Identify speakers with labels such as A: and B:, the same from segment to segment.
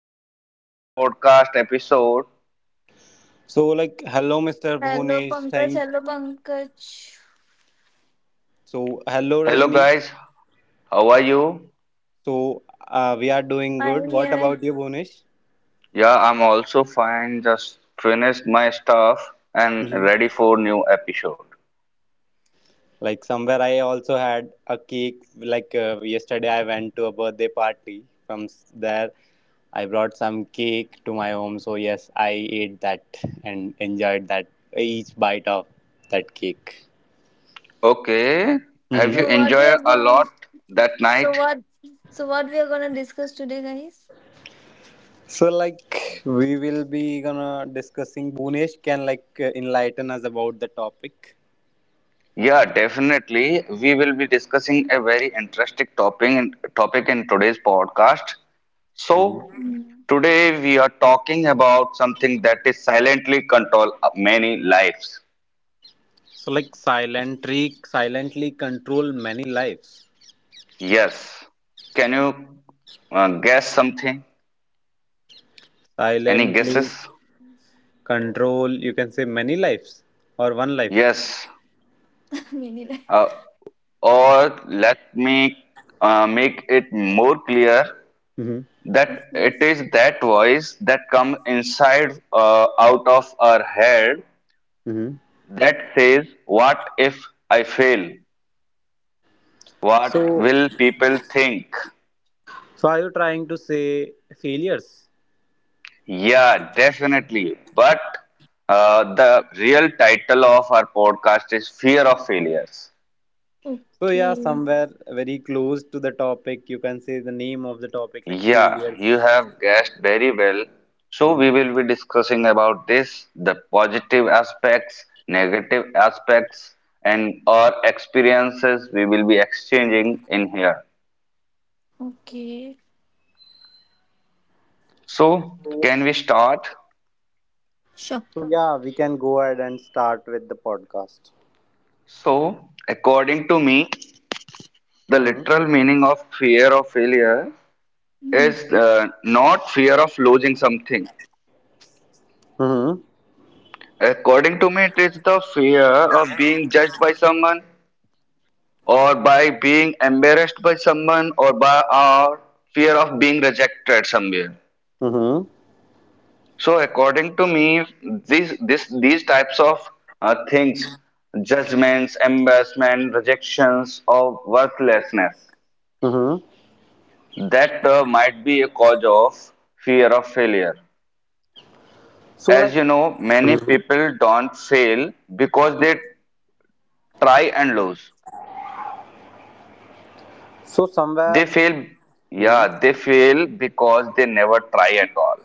A: Our another podcast episode.
B: So like hello Mr.
C: Hello
B: Bhunesh,
C: Pankaj,
B: thank
C: hello Pankaj.
B: so hello
A: Hello
B: Rajni.
A: guys, how are you?
B: So we are doing good.
C: I'm
B: What about
C: here.
B: you, Bhunesh?
A: Yeah, I'm also fine. Just finished my stuff and
B: Hmm.
A: ready for new episode.
B: Like somewhere I also had a cake. Like yesterday I went to a birthday party. From there I brought some cake to my home. So yes, I ate that and enjoyed that each bite of that cake.
A: Okay, have
B: Hmm.
A: you
C: So what we
A: enjoyed
C: are
A: a
C: going
A: lot that
C: so
A: night?
C: what so what we are gonna discuss today guys?
B: So like we will be gonna discussing Bhunesh can like enlighten us about the topic.
A: Yeah, definitely. We will be discussing a very interesting topic in today's podcast. So,
C: Mm.
A: today we are talking about something that is silently control many lives.
B: So like silently control many lives.
A: Yes. Can you guess something? Any
B: Silently
A: guesses?
B: control, you can say, many lives or one life.
A: Yes.
C: Many li-
A: Uh, or let me make it more clear
B: Hmm.
C: of
A: that it is that voice that comes inside out of our head
B: Hmm.
A: that says, "What if I fail? What
B: So
A: will people think?"
B: so are you trying to say failures?
A: Yeah, definitely. But the real title of our podcast is Fear of Failures.
B: So yeah,
C: Okay.
B: somewhere very close to the topic, you can say the name of the topic like
A: Yeah, you
B: failures.
A: have guessed very well. So we
B: Hmm.
A: will be discussing about this, the positive aspects, negative aspects, and our experiences we will be exchanging in here.
C: Okay.
A: So
B: So,
A: can we start?
C: Sure.
B: so yeah, we can go ahead and start with the podcast.
A: So according to me, the
B: Mm-hmm.
A: literal meaning of fear of failure
C: Mm.
A: is not fear of losing something.
B: Mm-hmm.
A: According to me, it is the fear of being judged by someone or by being embarrassed by someone or by our fear of being rejected somewhere,
B: Mm-hmm.
A: so according to me, these types of things, judgments, embarrassment, rejections, or worthlessness,
B: Mm-hmm.
A: that might be a cause of fear of failure.
B: So
A: As
B: like.
A: you know, many
B: Mhm.
A: people don't fail because they try and lose.
B: So
A: They
B: somewhere.
A: fail, yeah,
B: Mhm.
A: they fail because they never try at all.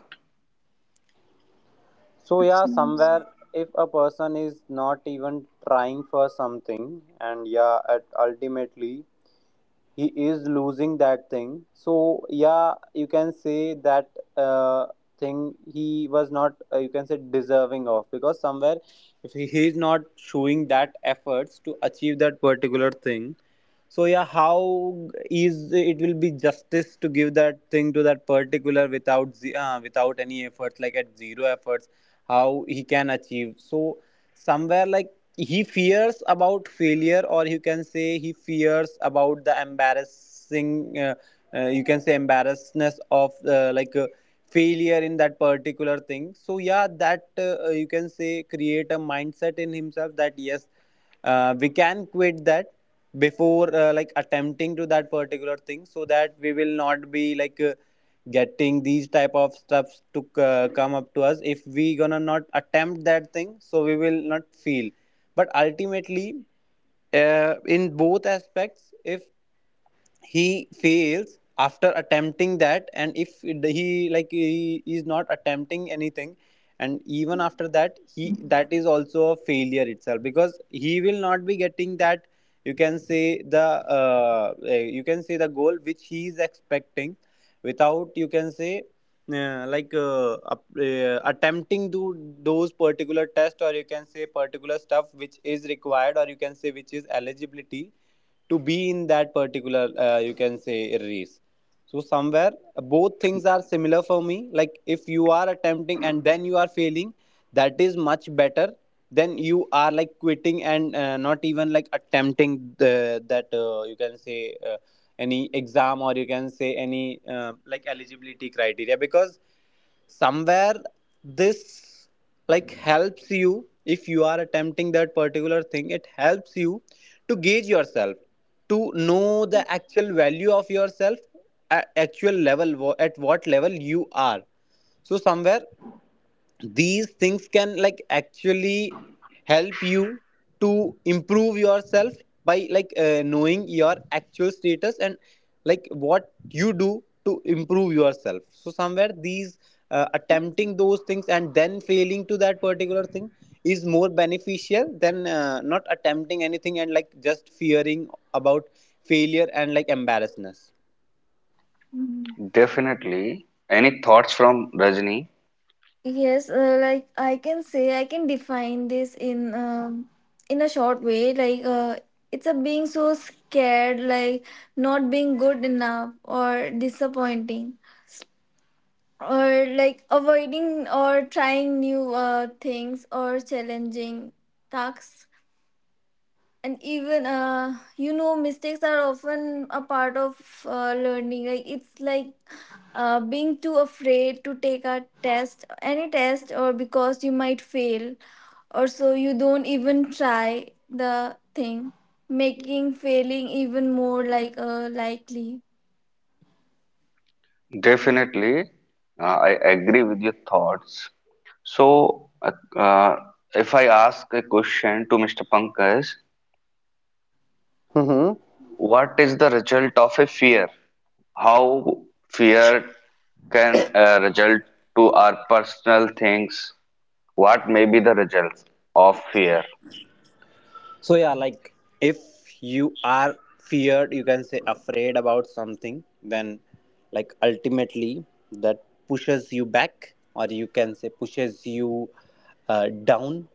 B: So yeah, somewhere, if a person is not even trying for something, and yeah, at ultimately he is losing that thing. So yeah, you can say that uh, thing he was not you can say deserving of, because somewhere if he is not showing that efforts to achieve that particular thing. So yeah, how is it will be justice to give that thing to that particular without any efforts, like at zero efforts how he can achieve. So somewhere like he fears about failure, or you can say he fears about the embarrassing you can say embarrassness of like failure in that particular thing. So yeah, that you can say, create a mindset in himself that yes, we can quit that before like attempting to that particular thing, so that we will not be like getting these type of stuffs to come up to us if we gonna not attempt that thing, so we will not feel. But ultimately, in both aspects, if he fails after attempting that, and if he like he is not attempting anything, and even after that he, that is also a failure itself, because he will not be getting that, you can say, the you can say, the goal which he is expecting. Without, you can say, like attempting to those particular test, or you can say particular stuff which is required, or you can say which is eligibility to be in that particular you can say race. So somewhere both things are similar for me. Like if you are attempting and then you are failing, that is much better than you are like quitting and not even like attempting the, that you can say any exam, or you can say any like eligibility criteria. Because somewhere this like helps you, if you are attempting that particular thing it helps you to gauge yourself, to know the actual value of yourself, at actual level, at what level you are. So somewhere these things can like actually help you to improve yourself by like knowing your actual status and like what you do to improve yourself. So somewhere these attempting those things and then failing to that particular thing is more beneficial than not attempting anything and like just fearing about failure and like embarrassness.
C: Mm.
A: Definitely. Any thoughts from Rajni?
C: Yes, like I can define this in a short way. It's a being so scared, like not being good enough or disappointing, or like avoiding or trying new things or challenging tasks. And even you know mistakes are often a part of learning. Like it's like Being too afraid to take a test, any test, or because you might fail, or so you don't even try the thing, making failing even more likely.
A: Definitely. I agree with your thoughts. So, uh, if I ask a question to Mr. Pankaj, what is the result of a fear? How fear can result to our personal things? What may be the results of fear?
B: So yeah, like if you are feared, you can say afraid about something, then like ultimately that pushes you back, or you can say pushes you down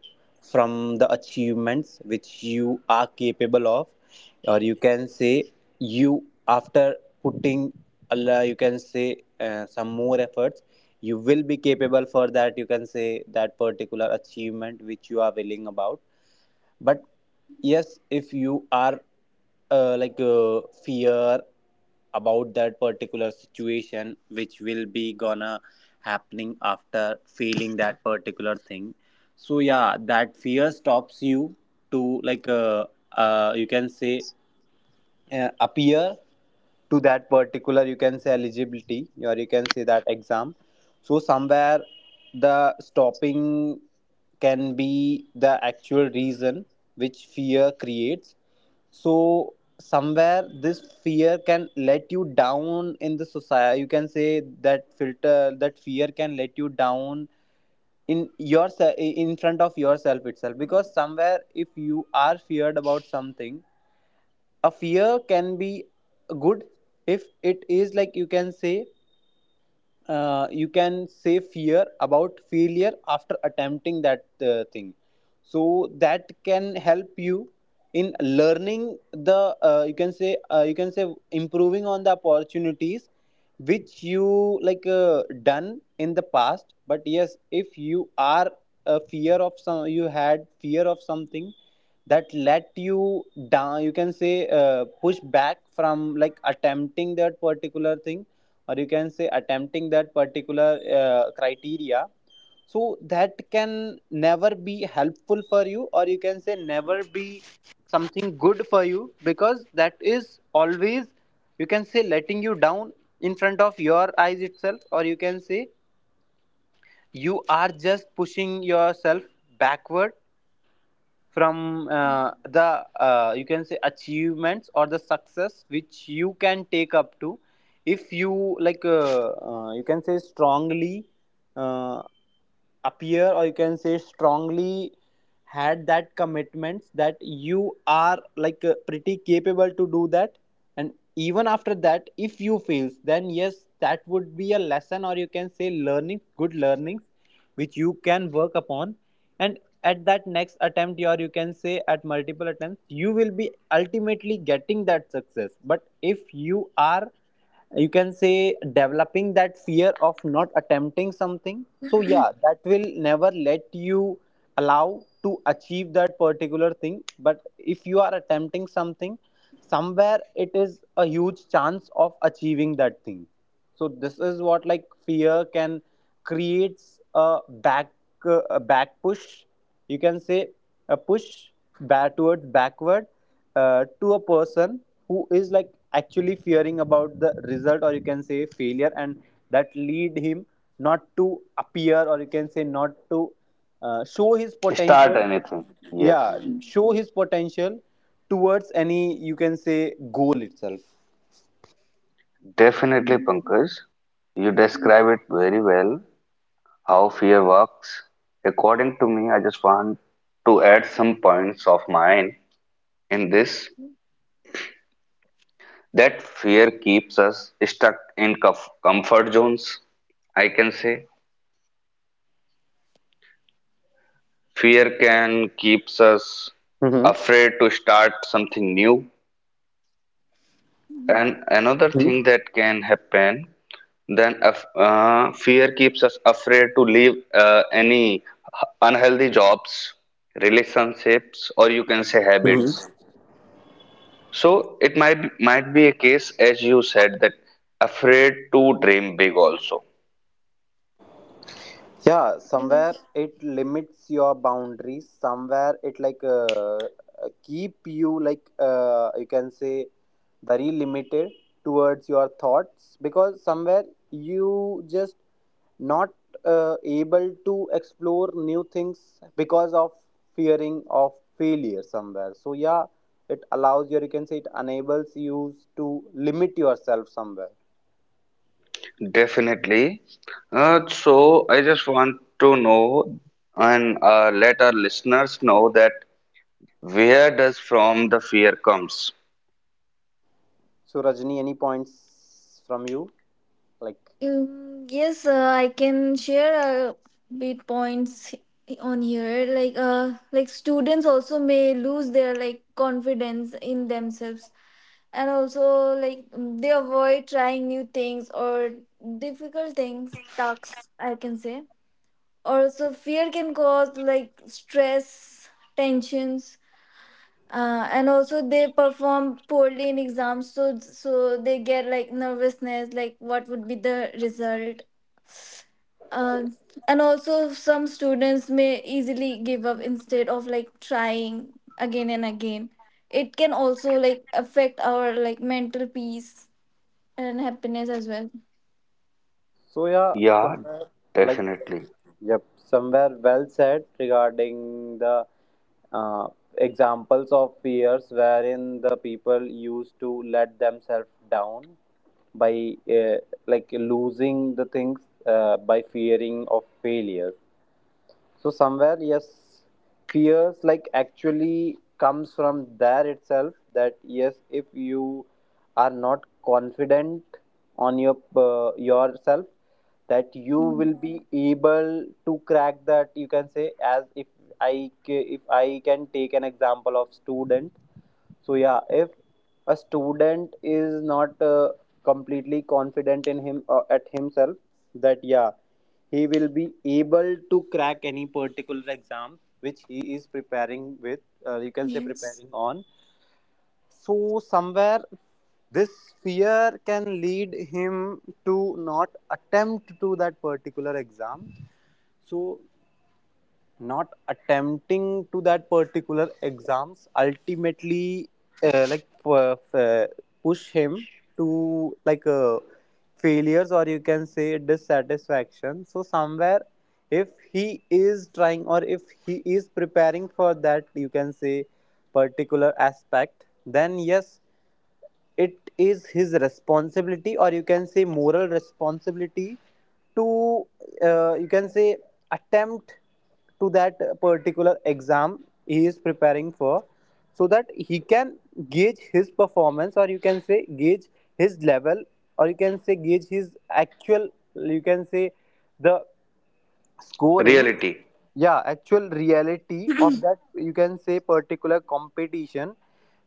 B: from the achievements which you are capable of, or you can say you, after putting Allah, you can say some more efforts, you will be capable for that, you can say that particular achievement which you are willing about. But yes, if you are like fear about that particular situation which will be gonna happening after feeling that particular thing, so yeah that fear stops you to like you can say appear to that particular, you can say eligibility, or you can say that exam. So somewhere the stopping can be the actual reason which fear creates. So somewhere this fear can let you down in the society, you can say that filter, that fear can let you down in yourself, in front of yourself itself, because somewhere if you are feared about something, a fear can be good if it is like you can say fear about failure after attempting that thing. So that can help you in learning the you can say improving on the opportunities which you like done in the past. But yes, if you are a fear of some, you had fear of something, that let you down, you can say push back from like attempting that particular thing, or you can say attempting that particular criteria. So that can never be helpful for you, or you can say never be something good for you, because that is always, you can say, letting you down in front of your eyes itself, or you can say you are just pushing yourself backward from the, you can say, achievements or the success which you can take up to if you like, you can say, strongly. Uh, Appear, or you can say strongly had that commitments that you are like pretty capable to do that. And even after that if you fails, then yes, that would be a lesson, or you can say learning, good learnings which you can work upon. And at that next attempt, or you can say at multiple attempts, you will be ultimately getting that success. But if you are, you can say, developing that fear of not attempting something, so yeah that will never let you allow to achieve that particular thing. But if you are attempting something, somewhere it is a huge chance of achieving that thing. So this is what like fear can creates a back push, you can say, a push, backward to a person who is like actually fearing about the result, or you can say failure, and that lead him not to appear, or you can say not to show his
A: Start
B: potential.
A: anything. Yes,
B: Yeah, show his potential towards any, you can say, goal itself.
A: definitely, Pankaj. You describe it very well, how fear works. According to me, I just want to add some points of mine in this, that fear keeps us stuck in comfort zones. I can say fear can keeps us
B: Mm-hmm.
A: afraid to start something new. And another
B: Mm-hmm.
A: thing that can happen, then fear keeps us afraid to leave any unhealthy jobs, relationships, or you can say habits. So it might be a case, as you said, that afraid to dream big also.
B: Yeah, somewhere
C: Yes.
B: it limits your boundaries. Somewhere it like keep you like you can say very limited towards your thoughts, because somewhere you just not able to explore new things because of fearing of failure somewhere. So yeah, it allows you. You can say it enables you to limit yourself somewhere.
A: Definitely. So I just want to know and let our listeners know that where does from the fear comes?
B: So Rajni, any points from you like?
C: Yes, I can share a bit points on here. Like students also may lose their like confidence in themselves, and also like they avoid trying new things or difficult things, tasks, I can say. Also, fear can cause like stress, tensions, and also they perform poorly in exams, so they get like nervousness, like what would be the result. uh, and also some students may easily give up instead of like trying again and again. It can also like affect our like mental peace and happiness as well.
B: So yeah,
A: Yeah,
B: somewhere like
A: definitely.
B: yep, somewhere well said regarding the uh, examples of fears wherein the people used to let themselves down by like losing the things by fearing of failures. So somewhere, yes, fears like actually comes from there itself. That yes, if you are not confident on your yourself, that you
C: Mm,
B: will be able to crack that, you can say, as if I if I can take an example of student. So yeah, if a student is not completely confident in him at himself, that yeah he will be able to crack any particular exam which he is preparing with, you can say
C: yes.
B: preparing on. So, somewhere this fear can lead him to not attempt to that particular exam. So not attempting to that particular exams ultimately like push him to like failures, or you can say dissatisfaction. So somewhere, if he is trying, or if he is preparing for that, you can say particular aspect, then yes, it is his responsibility, or you can say moral responsibility to you can say attempt to that particular exam he is preparing for, so that he can gauge his performance, or you can say gauge his level, or you can say gauge his actual, you can say the scoring,
A: Reality.
B: yeah, actual reality of that, you can say particular competition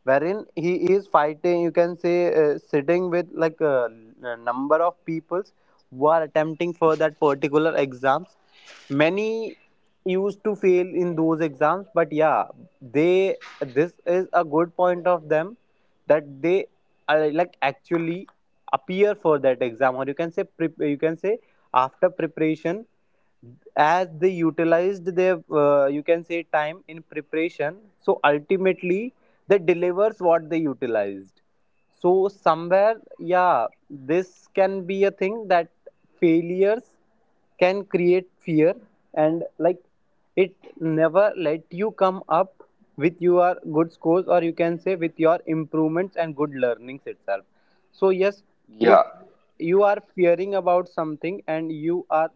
B: wherein he is fighting, you can say sitting with like a, number of peoples who are attempting for that particular exams. Many used to fail in those exams, but yeah, they, this is a good point of them, that they are like actually appear for that exam, or you can say you can say after preparation, as they utilized their you can say time in preparation. So ultimately that delivers what they utilized. So somewhere yeah, this can be a thing that failures can create fear and like it never let you come up with your good scores, or you can say with your improvements and good learnings itself. So yes,
A: Yeah.
B: if you are fearing about something and you are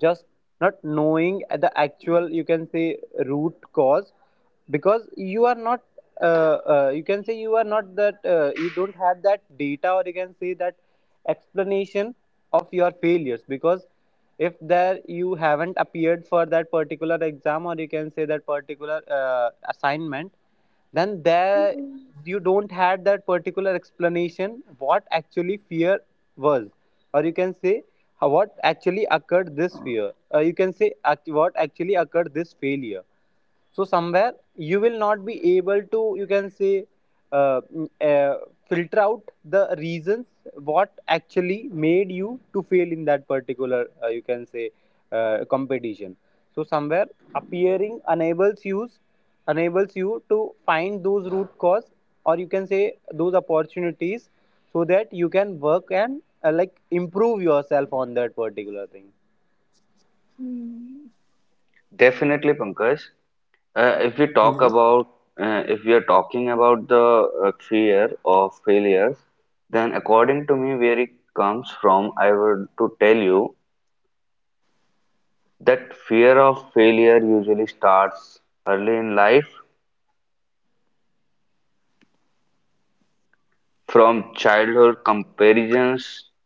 B: just not knowing the actual, you can say root cause, because you are not uh, you can say you are not that you don't have that data or you can say that explanation of your failures because if there you haven't appeared for that particular exam or you can say that particular assignment then there
C: Mm.
B: you don't had that particular explanation what actually fear was or you can say what actually occurred this fear or you can say what actually occurred this failure. So somewhere you will not be able to you can say uh, mm, uh, filter out the reasons what actually made you to fail in that particular you can say competition. So somewhere appearing enables you to find those root cause or you can say those opportunities so that you can work and like improve yourself on that particular thing.
C: Mm.
B: Mm-hmm.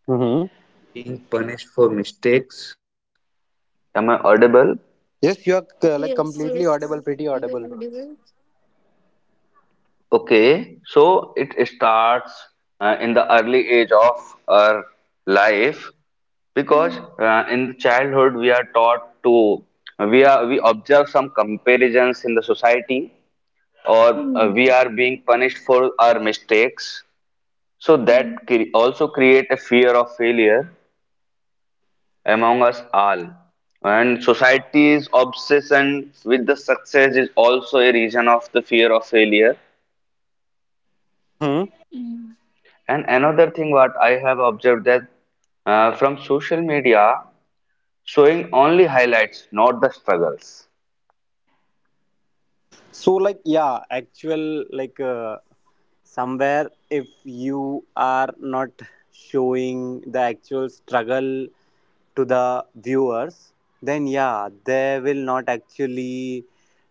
B: Mm-hmm. Yes, you are like
C: Yes,
B: completely
C: yes,
B: audible, pretty
C: you are
B: audible to us.
C: audible.
A: Okay, so it starts in the early age of our life, because
C: Mm.
A: in childhood we are taught to, we observe some comparisons in the society or are
C: Mm.
A: being punished for our mistakes. So
C: Mm.
A: that also create a fear of failure among us all. And society's obsession with the success is also a reason of the fear of failure.
B: Hmm.
C: Mm.
A: And another thing what I have observed that from social media, showing only highlights, not the struggles.
B: So like, yeah, actual, like somewhere, if you are not showing the actual struggle to the viewers, then yeah, they will not actually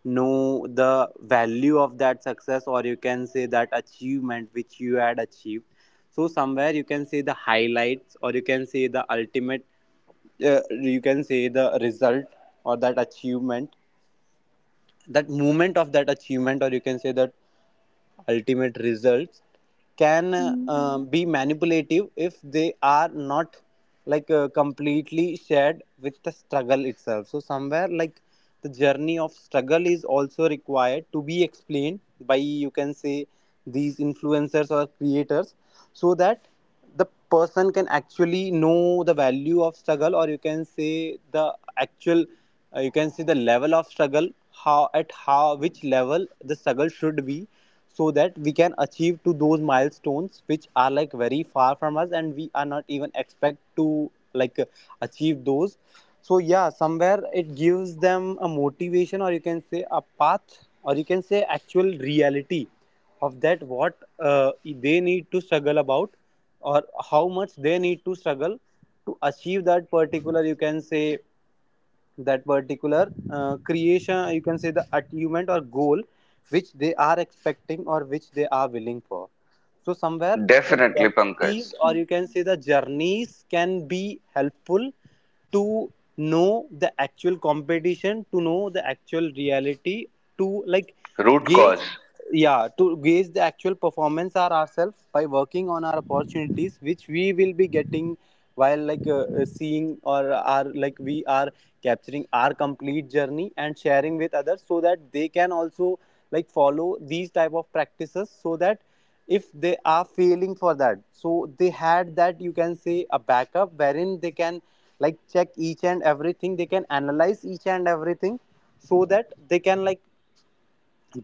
B: know the value of that success or you can say that achievement which you had achieved. So somewhere you can say the highlights or you can say the ultimate uh, you can say the result or that achievement, that moment of that achievement or you can say that ultimate results can
C: Mm.
B: be manipulative if they are not like completely shared with the struggle itself. So somewhere like the journey of struggle is also required to be explained by you can say these influencers or creators, so that the person can actually know the value of struggle or you can say the actual you can see the level of struggle, how at how which level the struggle should be, so that we can achieve to those milestones which are like very far from us and we are not even expect to like achieve those. So yeah, somewhere it gives them a motivation or you can say a path or you can say actual reality of that what they need to struggle about, or how much they need to struggle to achieve that particular you can say that particular creation, you can say the achievement or goal which they are expecting or which they are willing for. So somewhere the
A: Definitely, Pankaj.
B: realities or you can say the journeys can be helpful to know the actual competition, to know the actual reality, to like
A: Root
B: gauge,
A: cause
B: yeah, to gauge the actual performance are ourselves by working on our opportunities which we will be getting while like seeing or are like we are capturing our complete journey and sharing with others so that they can also like follow these type of practices, so that if they are failing for that, so they had that you can say a backup wherein they can like check each and everything, they can analyze each and everything, so that they can like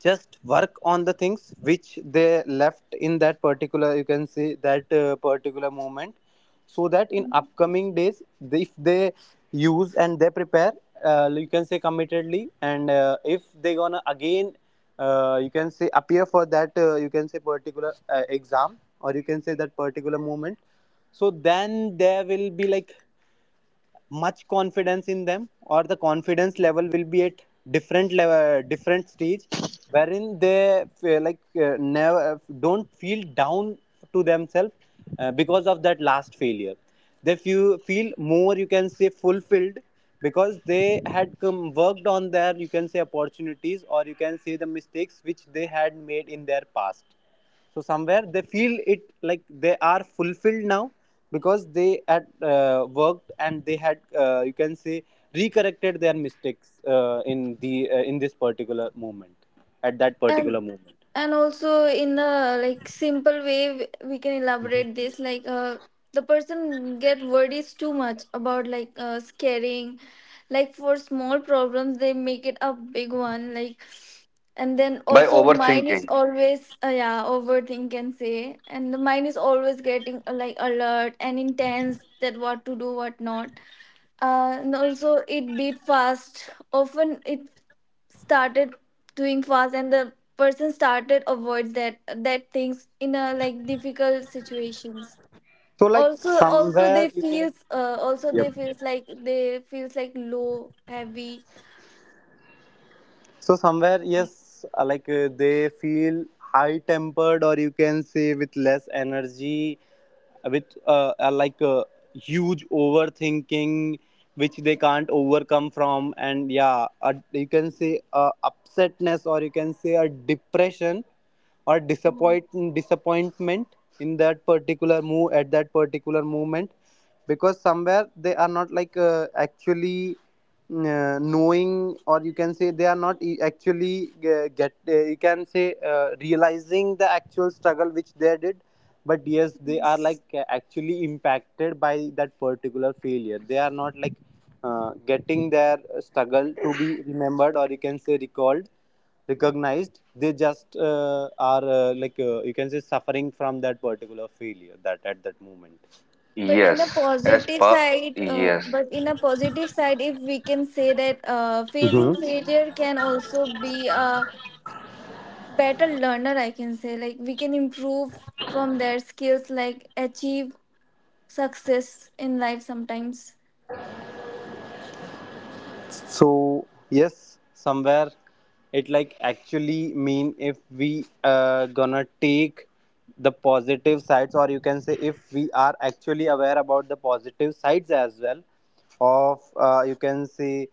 B: just work on the things which they left in that particular you can say that particular moment, so that in upcoming days if they use and they prepare you can say committedly, and if they gonna again you can say appear for that you can say particular exam, or you can say that particular moment, so then there will be like much confidence in them, or the confidence level will be at different level, different stage, wherein they feel like never don't feel down to themselves because of that last failure. They feel more you can say fulfilled, because they had come worked on their you can say opportunities or you can say the mistakes which they had made in their past. So somewhere they feel it like they are fulfilled now, because they had worked and they had you can say recorrected their mistakes in the in this particular moment, at that
C: and
B: particular moment.
C: and also in a like simple way we can elaborate this the person get worries too much about scaring, like for small problems they make it a big one. Like, and then
A: by
C: also mine is
A: overthinking.
C: always yeah overthink, can say, and the mind is always getting like alert and intense, that what to do what not. And also it beat fast, often it started doing fast, and the person started avoids that things in a like difficult situations.
B: So like
C: Also
B: somewhere you can.
C: also
B: Yep.
C: they feels like low heavy.
B: So somewhere, yes, like they feel high tempered, or you can say with less energy, with like huge overthinking, which they can't overcome from, and yeah, you can say upsetness, or you can say a depression, or
C: Mm,
B: disappointment in that particular move, at that particular moment, because somewhere they are not like actually knowing, or you can say they are not actually get you can say realizing the actual struggle which they did. But yes, they are
C: yes.
B: like actually impacted by that particular failure. They are not like getting their struggle to be remembered, or you can say recalled, recognized. They just are like you can say suffering from that particular failure, that at that moment.
A: Yes, as per, yes.
C: But in a positive side, if we can say that
B: Mhm.
C: facing failure can also be a better learner, I can say, like we can improve from their skills, like achieve success in life sometimes.
B: So yes, somewhere it like actually mean, if we gonna take the positive sides, or you can say if we are actually aware about the positive sides as well of you can say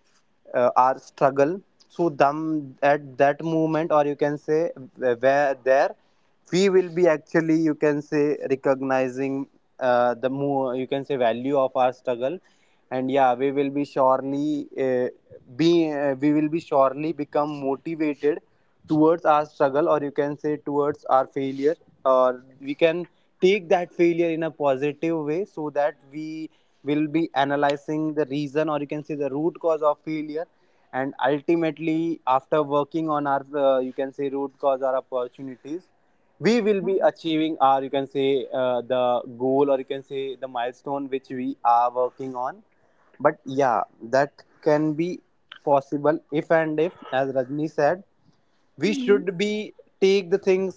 B: our struggle, so them at that moment, or you can say where there we will be actually you can say recognizing the more you can say value of our struggle. And yeah, we will be surely be we will be surely become motivated towards our struggle, or you can say towards our failure, or we can take that failure in a positive way so that we will be analyzing the reason, or you can say the root cause of failure, and ultimately after working on our you can say root cause or opportunities, we will be achieving our you can say the goal, or you can say the milestone which we are working on. But yeah, that can be possible if and if as Rajni said, we
C: Mm-hmm.
B: should be take the things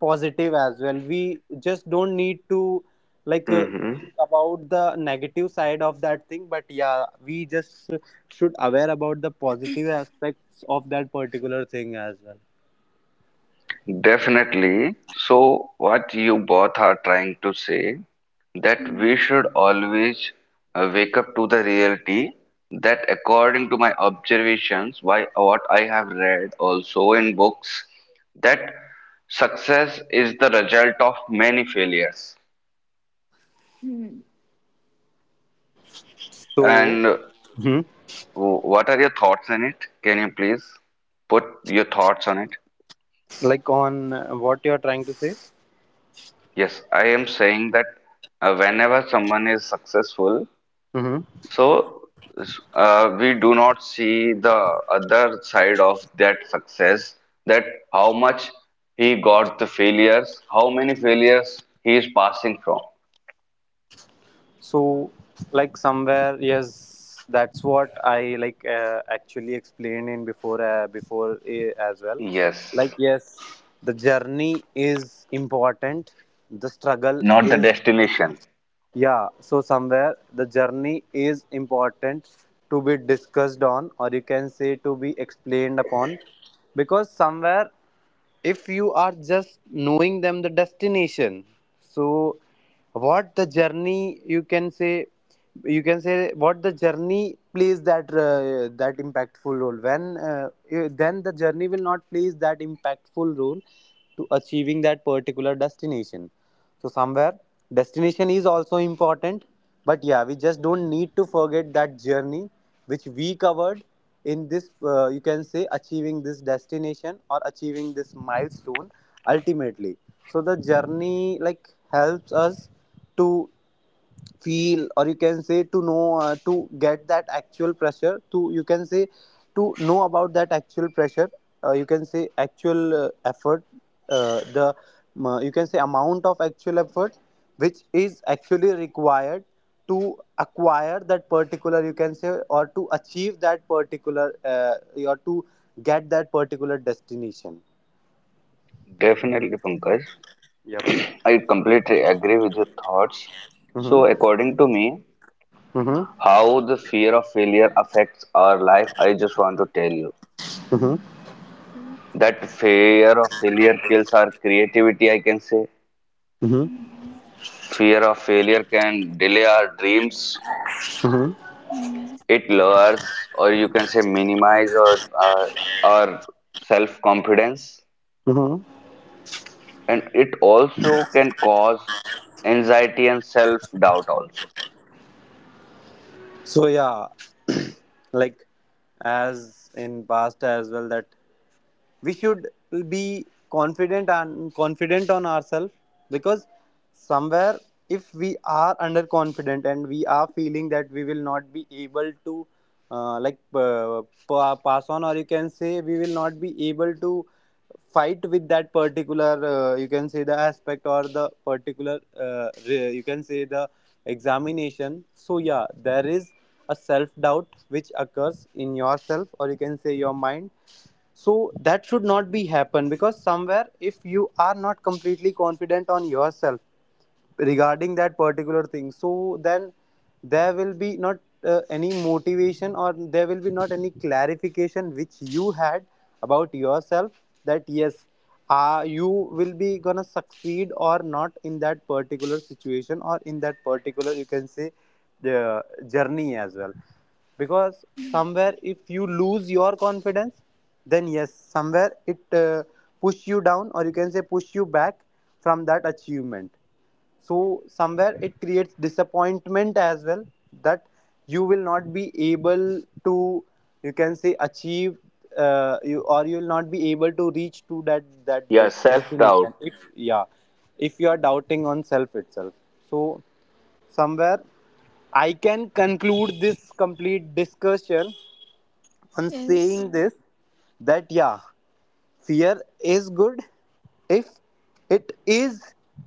B: positive as well. We just don't need to like
A: Mm-hmm.
B: think about the negative side of that thing, but yeah, we just should aware about the positive aspects of that particular thing as well.
A: Definitely. So, what you both are trying to say, that we
C: Mm-hmm.
A: should always wake up to the reality, that according to my observations, why what I have read also in books, that success is the result of many failures.
B: So
A: And
B: hmm,
A: what are your thoughts on it? Can you please put your thoughts on it?
B: like on what you are trying to say.
A: Yes, I am saying that whenever someone is successful, so, we do not see the other side of that success, that how much he got the failures, how many failures he is passing from.
B: So, like somewhere, yes, that's what I like actually explained in before as well.
A: Yes,
B: Like yes, the journey is important. The struggle
A: not the
B: is,
A: destination.
B: yeah, so somewhere the journey is important to be discussed on, or you can say to be explained upon, because somewhere if you are just knowing them the destination, so what the journey you can say, you can say what the journey plays that that impactful role when then the journey will not plays that impactful role to achieving that particular destination. So somewhere destination is also important, but yeah, we just don't need to forget that journey which we covered in this. You can say achieving this destination or achieving this milestone ultimately. So the journey like helps us to feel, or you can say to know to get that actual pressure to you can say to know about that actual pressure, you can say actual effort, the you can say amount of actual effort which is actually required to acquire that particular you can say, or to achieve that particular or to get that particular destination.
A: Definitely, Pankaj.
B: Yep.
A: I completely agree with your thoughts.
B: Mm-hmm.
A: So, according to me,
B: Mm-hmm.
A: how the fear of failure affects our life, I just want to tell you
B: Mm-hmm.
C: Hmm.
A: that fear of failure kills our creativity, I can say.
C: Hmm.
A: Fear of failure can delay our dreams.
B: Mm-hmm.
C: Hmm.
A: It lowers, or you can say, minimize or our self confidence,
B: Mm-hmm.
A: and it also can cause anxiety and self doubt also.
B: So yeah. Like as in past as well, that we should be confident and confident on ourselves, because somewhere if we are underconfident and we are feeling that we will not be able to like pass on, or you can say we will not be able to fight with that particular you can say the aspect or the particular you can say the examination. So yeah, there is a self doubt which occurs in yourself, or you can say your mind. So that should not be happen, because somewhere if you are not completely confident on yourself regarding that particular thing, so then there will be not any motivation, or there will be not any clarification which you had about yourself, that yes, you will be gonna succeed or not in that particular situation, or in that particular you can say the journey as well. Because somewhere if you lose your confidence, then yes, somewhere it push you down, or you can say push you back from that achievement. So somewhere it creates disappointment as well, that you will not be able to you can say achieve you, or you will not be able to reach to that
A: Yeah,
B: this
A: self doubt.
B: destination, if yeah, if you are doubting on self itself. So somewhere I can conclude this complete discussion on
C: Yes.
B: saying this, that yeah, fear is good if it is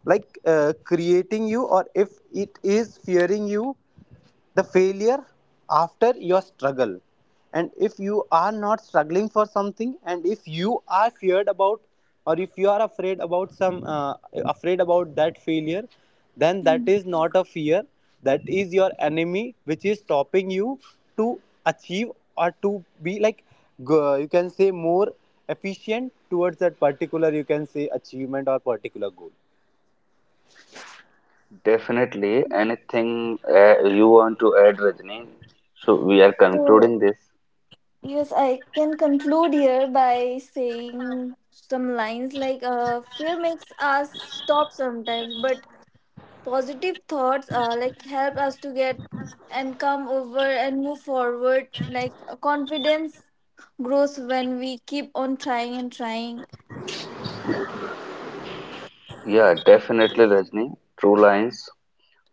B: like creating you, or if it is fearing you the failure after your struggle. And if you are not struggling for something, and if you are feared about, or if you are afraid about some afraid about that failure, then that
C: Mm.
B: is not a fear. That is your enemy which is stopping you to achieve, or to be like you can say more efficient towards that particular you can say achievement or particular goal.
A: Definitely. Anything you want to add, Rajni? So we are
C: So
A: concluding this.
C: yes, I can conclude here by saying some lines, like fear makes us stop sometimes, but positive thoughts like help us to get and come over and move forward, like confidence grows when we keep on trying and trying.
A: Yeah, definitely, Rajni. True lines.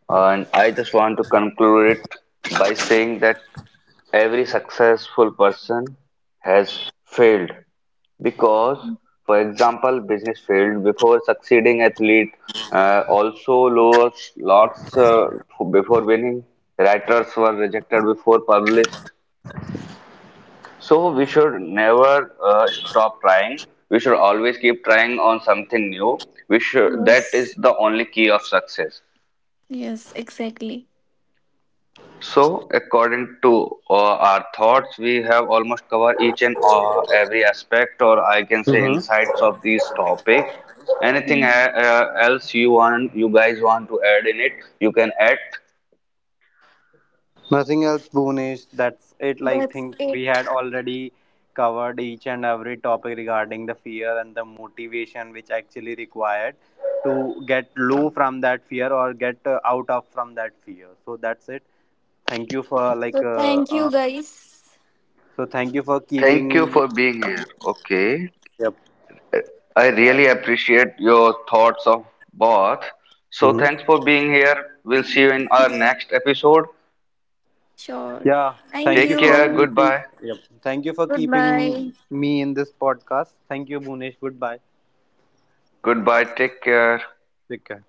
A: And I just want to conclude it by saying that every successful person has failed because, for example, business failed before succeeding, athlete also lost lots before winning, writers were rejected before published. So we should never stop trying. We should always keep trying on something new. We should, that is
C: Yes,
A: the only key of success.
C: yes, exactly.
A: So, according to our thoughts, we have almost covered each and every aspect, or I can say
B: Mm-hmm.
A: insights of this topic. Anything
C: Mm.
A: else you want, you guys want to add in it, you can add.
B: Nothing else, Bhunesh. That's it, like
C: That's
B: think
C: it.
B: we had already covered each and every topic regarding the fear and the motivation which actually required to get low from that fear, or get out of from that fear. So that's it, thank you for
C: So
B: like
C: thank you guys.
B: so thank you for keeping.
A: Thank you for being here. Okay,
B: Yep.
A: I really appreciate your thoughts of both. So,
B: Hmm.
A: thanks for being here. We'll see you in our next episode.
C: Sure.
B: Yeah,
C: Thank
B: thank you
A: Take
B: for
A: care.
C: you.
B: keeping.
A: Goodbye.
B: Yep. Thank you for keeping
C: Goodbye.
B: me in this podcast. Thank you, Bhunesh. Goodbye.
A: Goodbye. Take care.
B: Take care.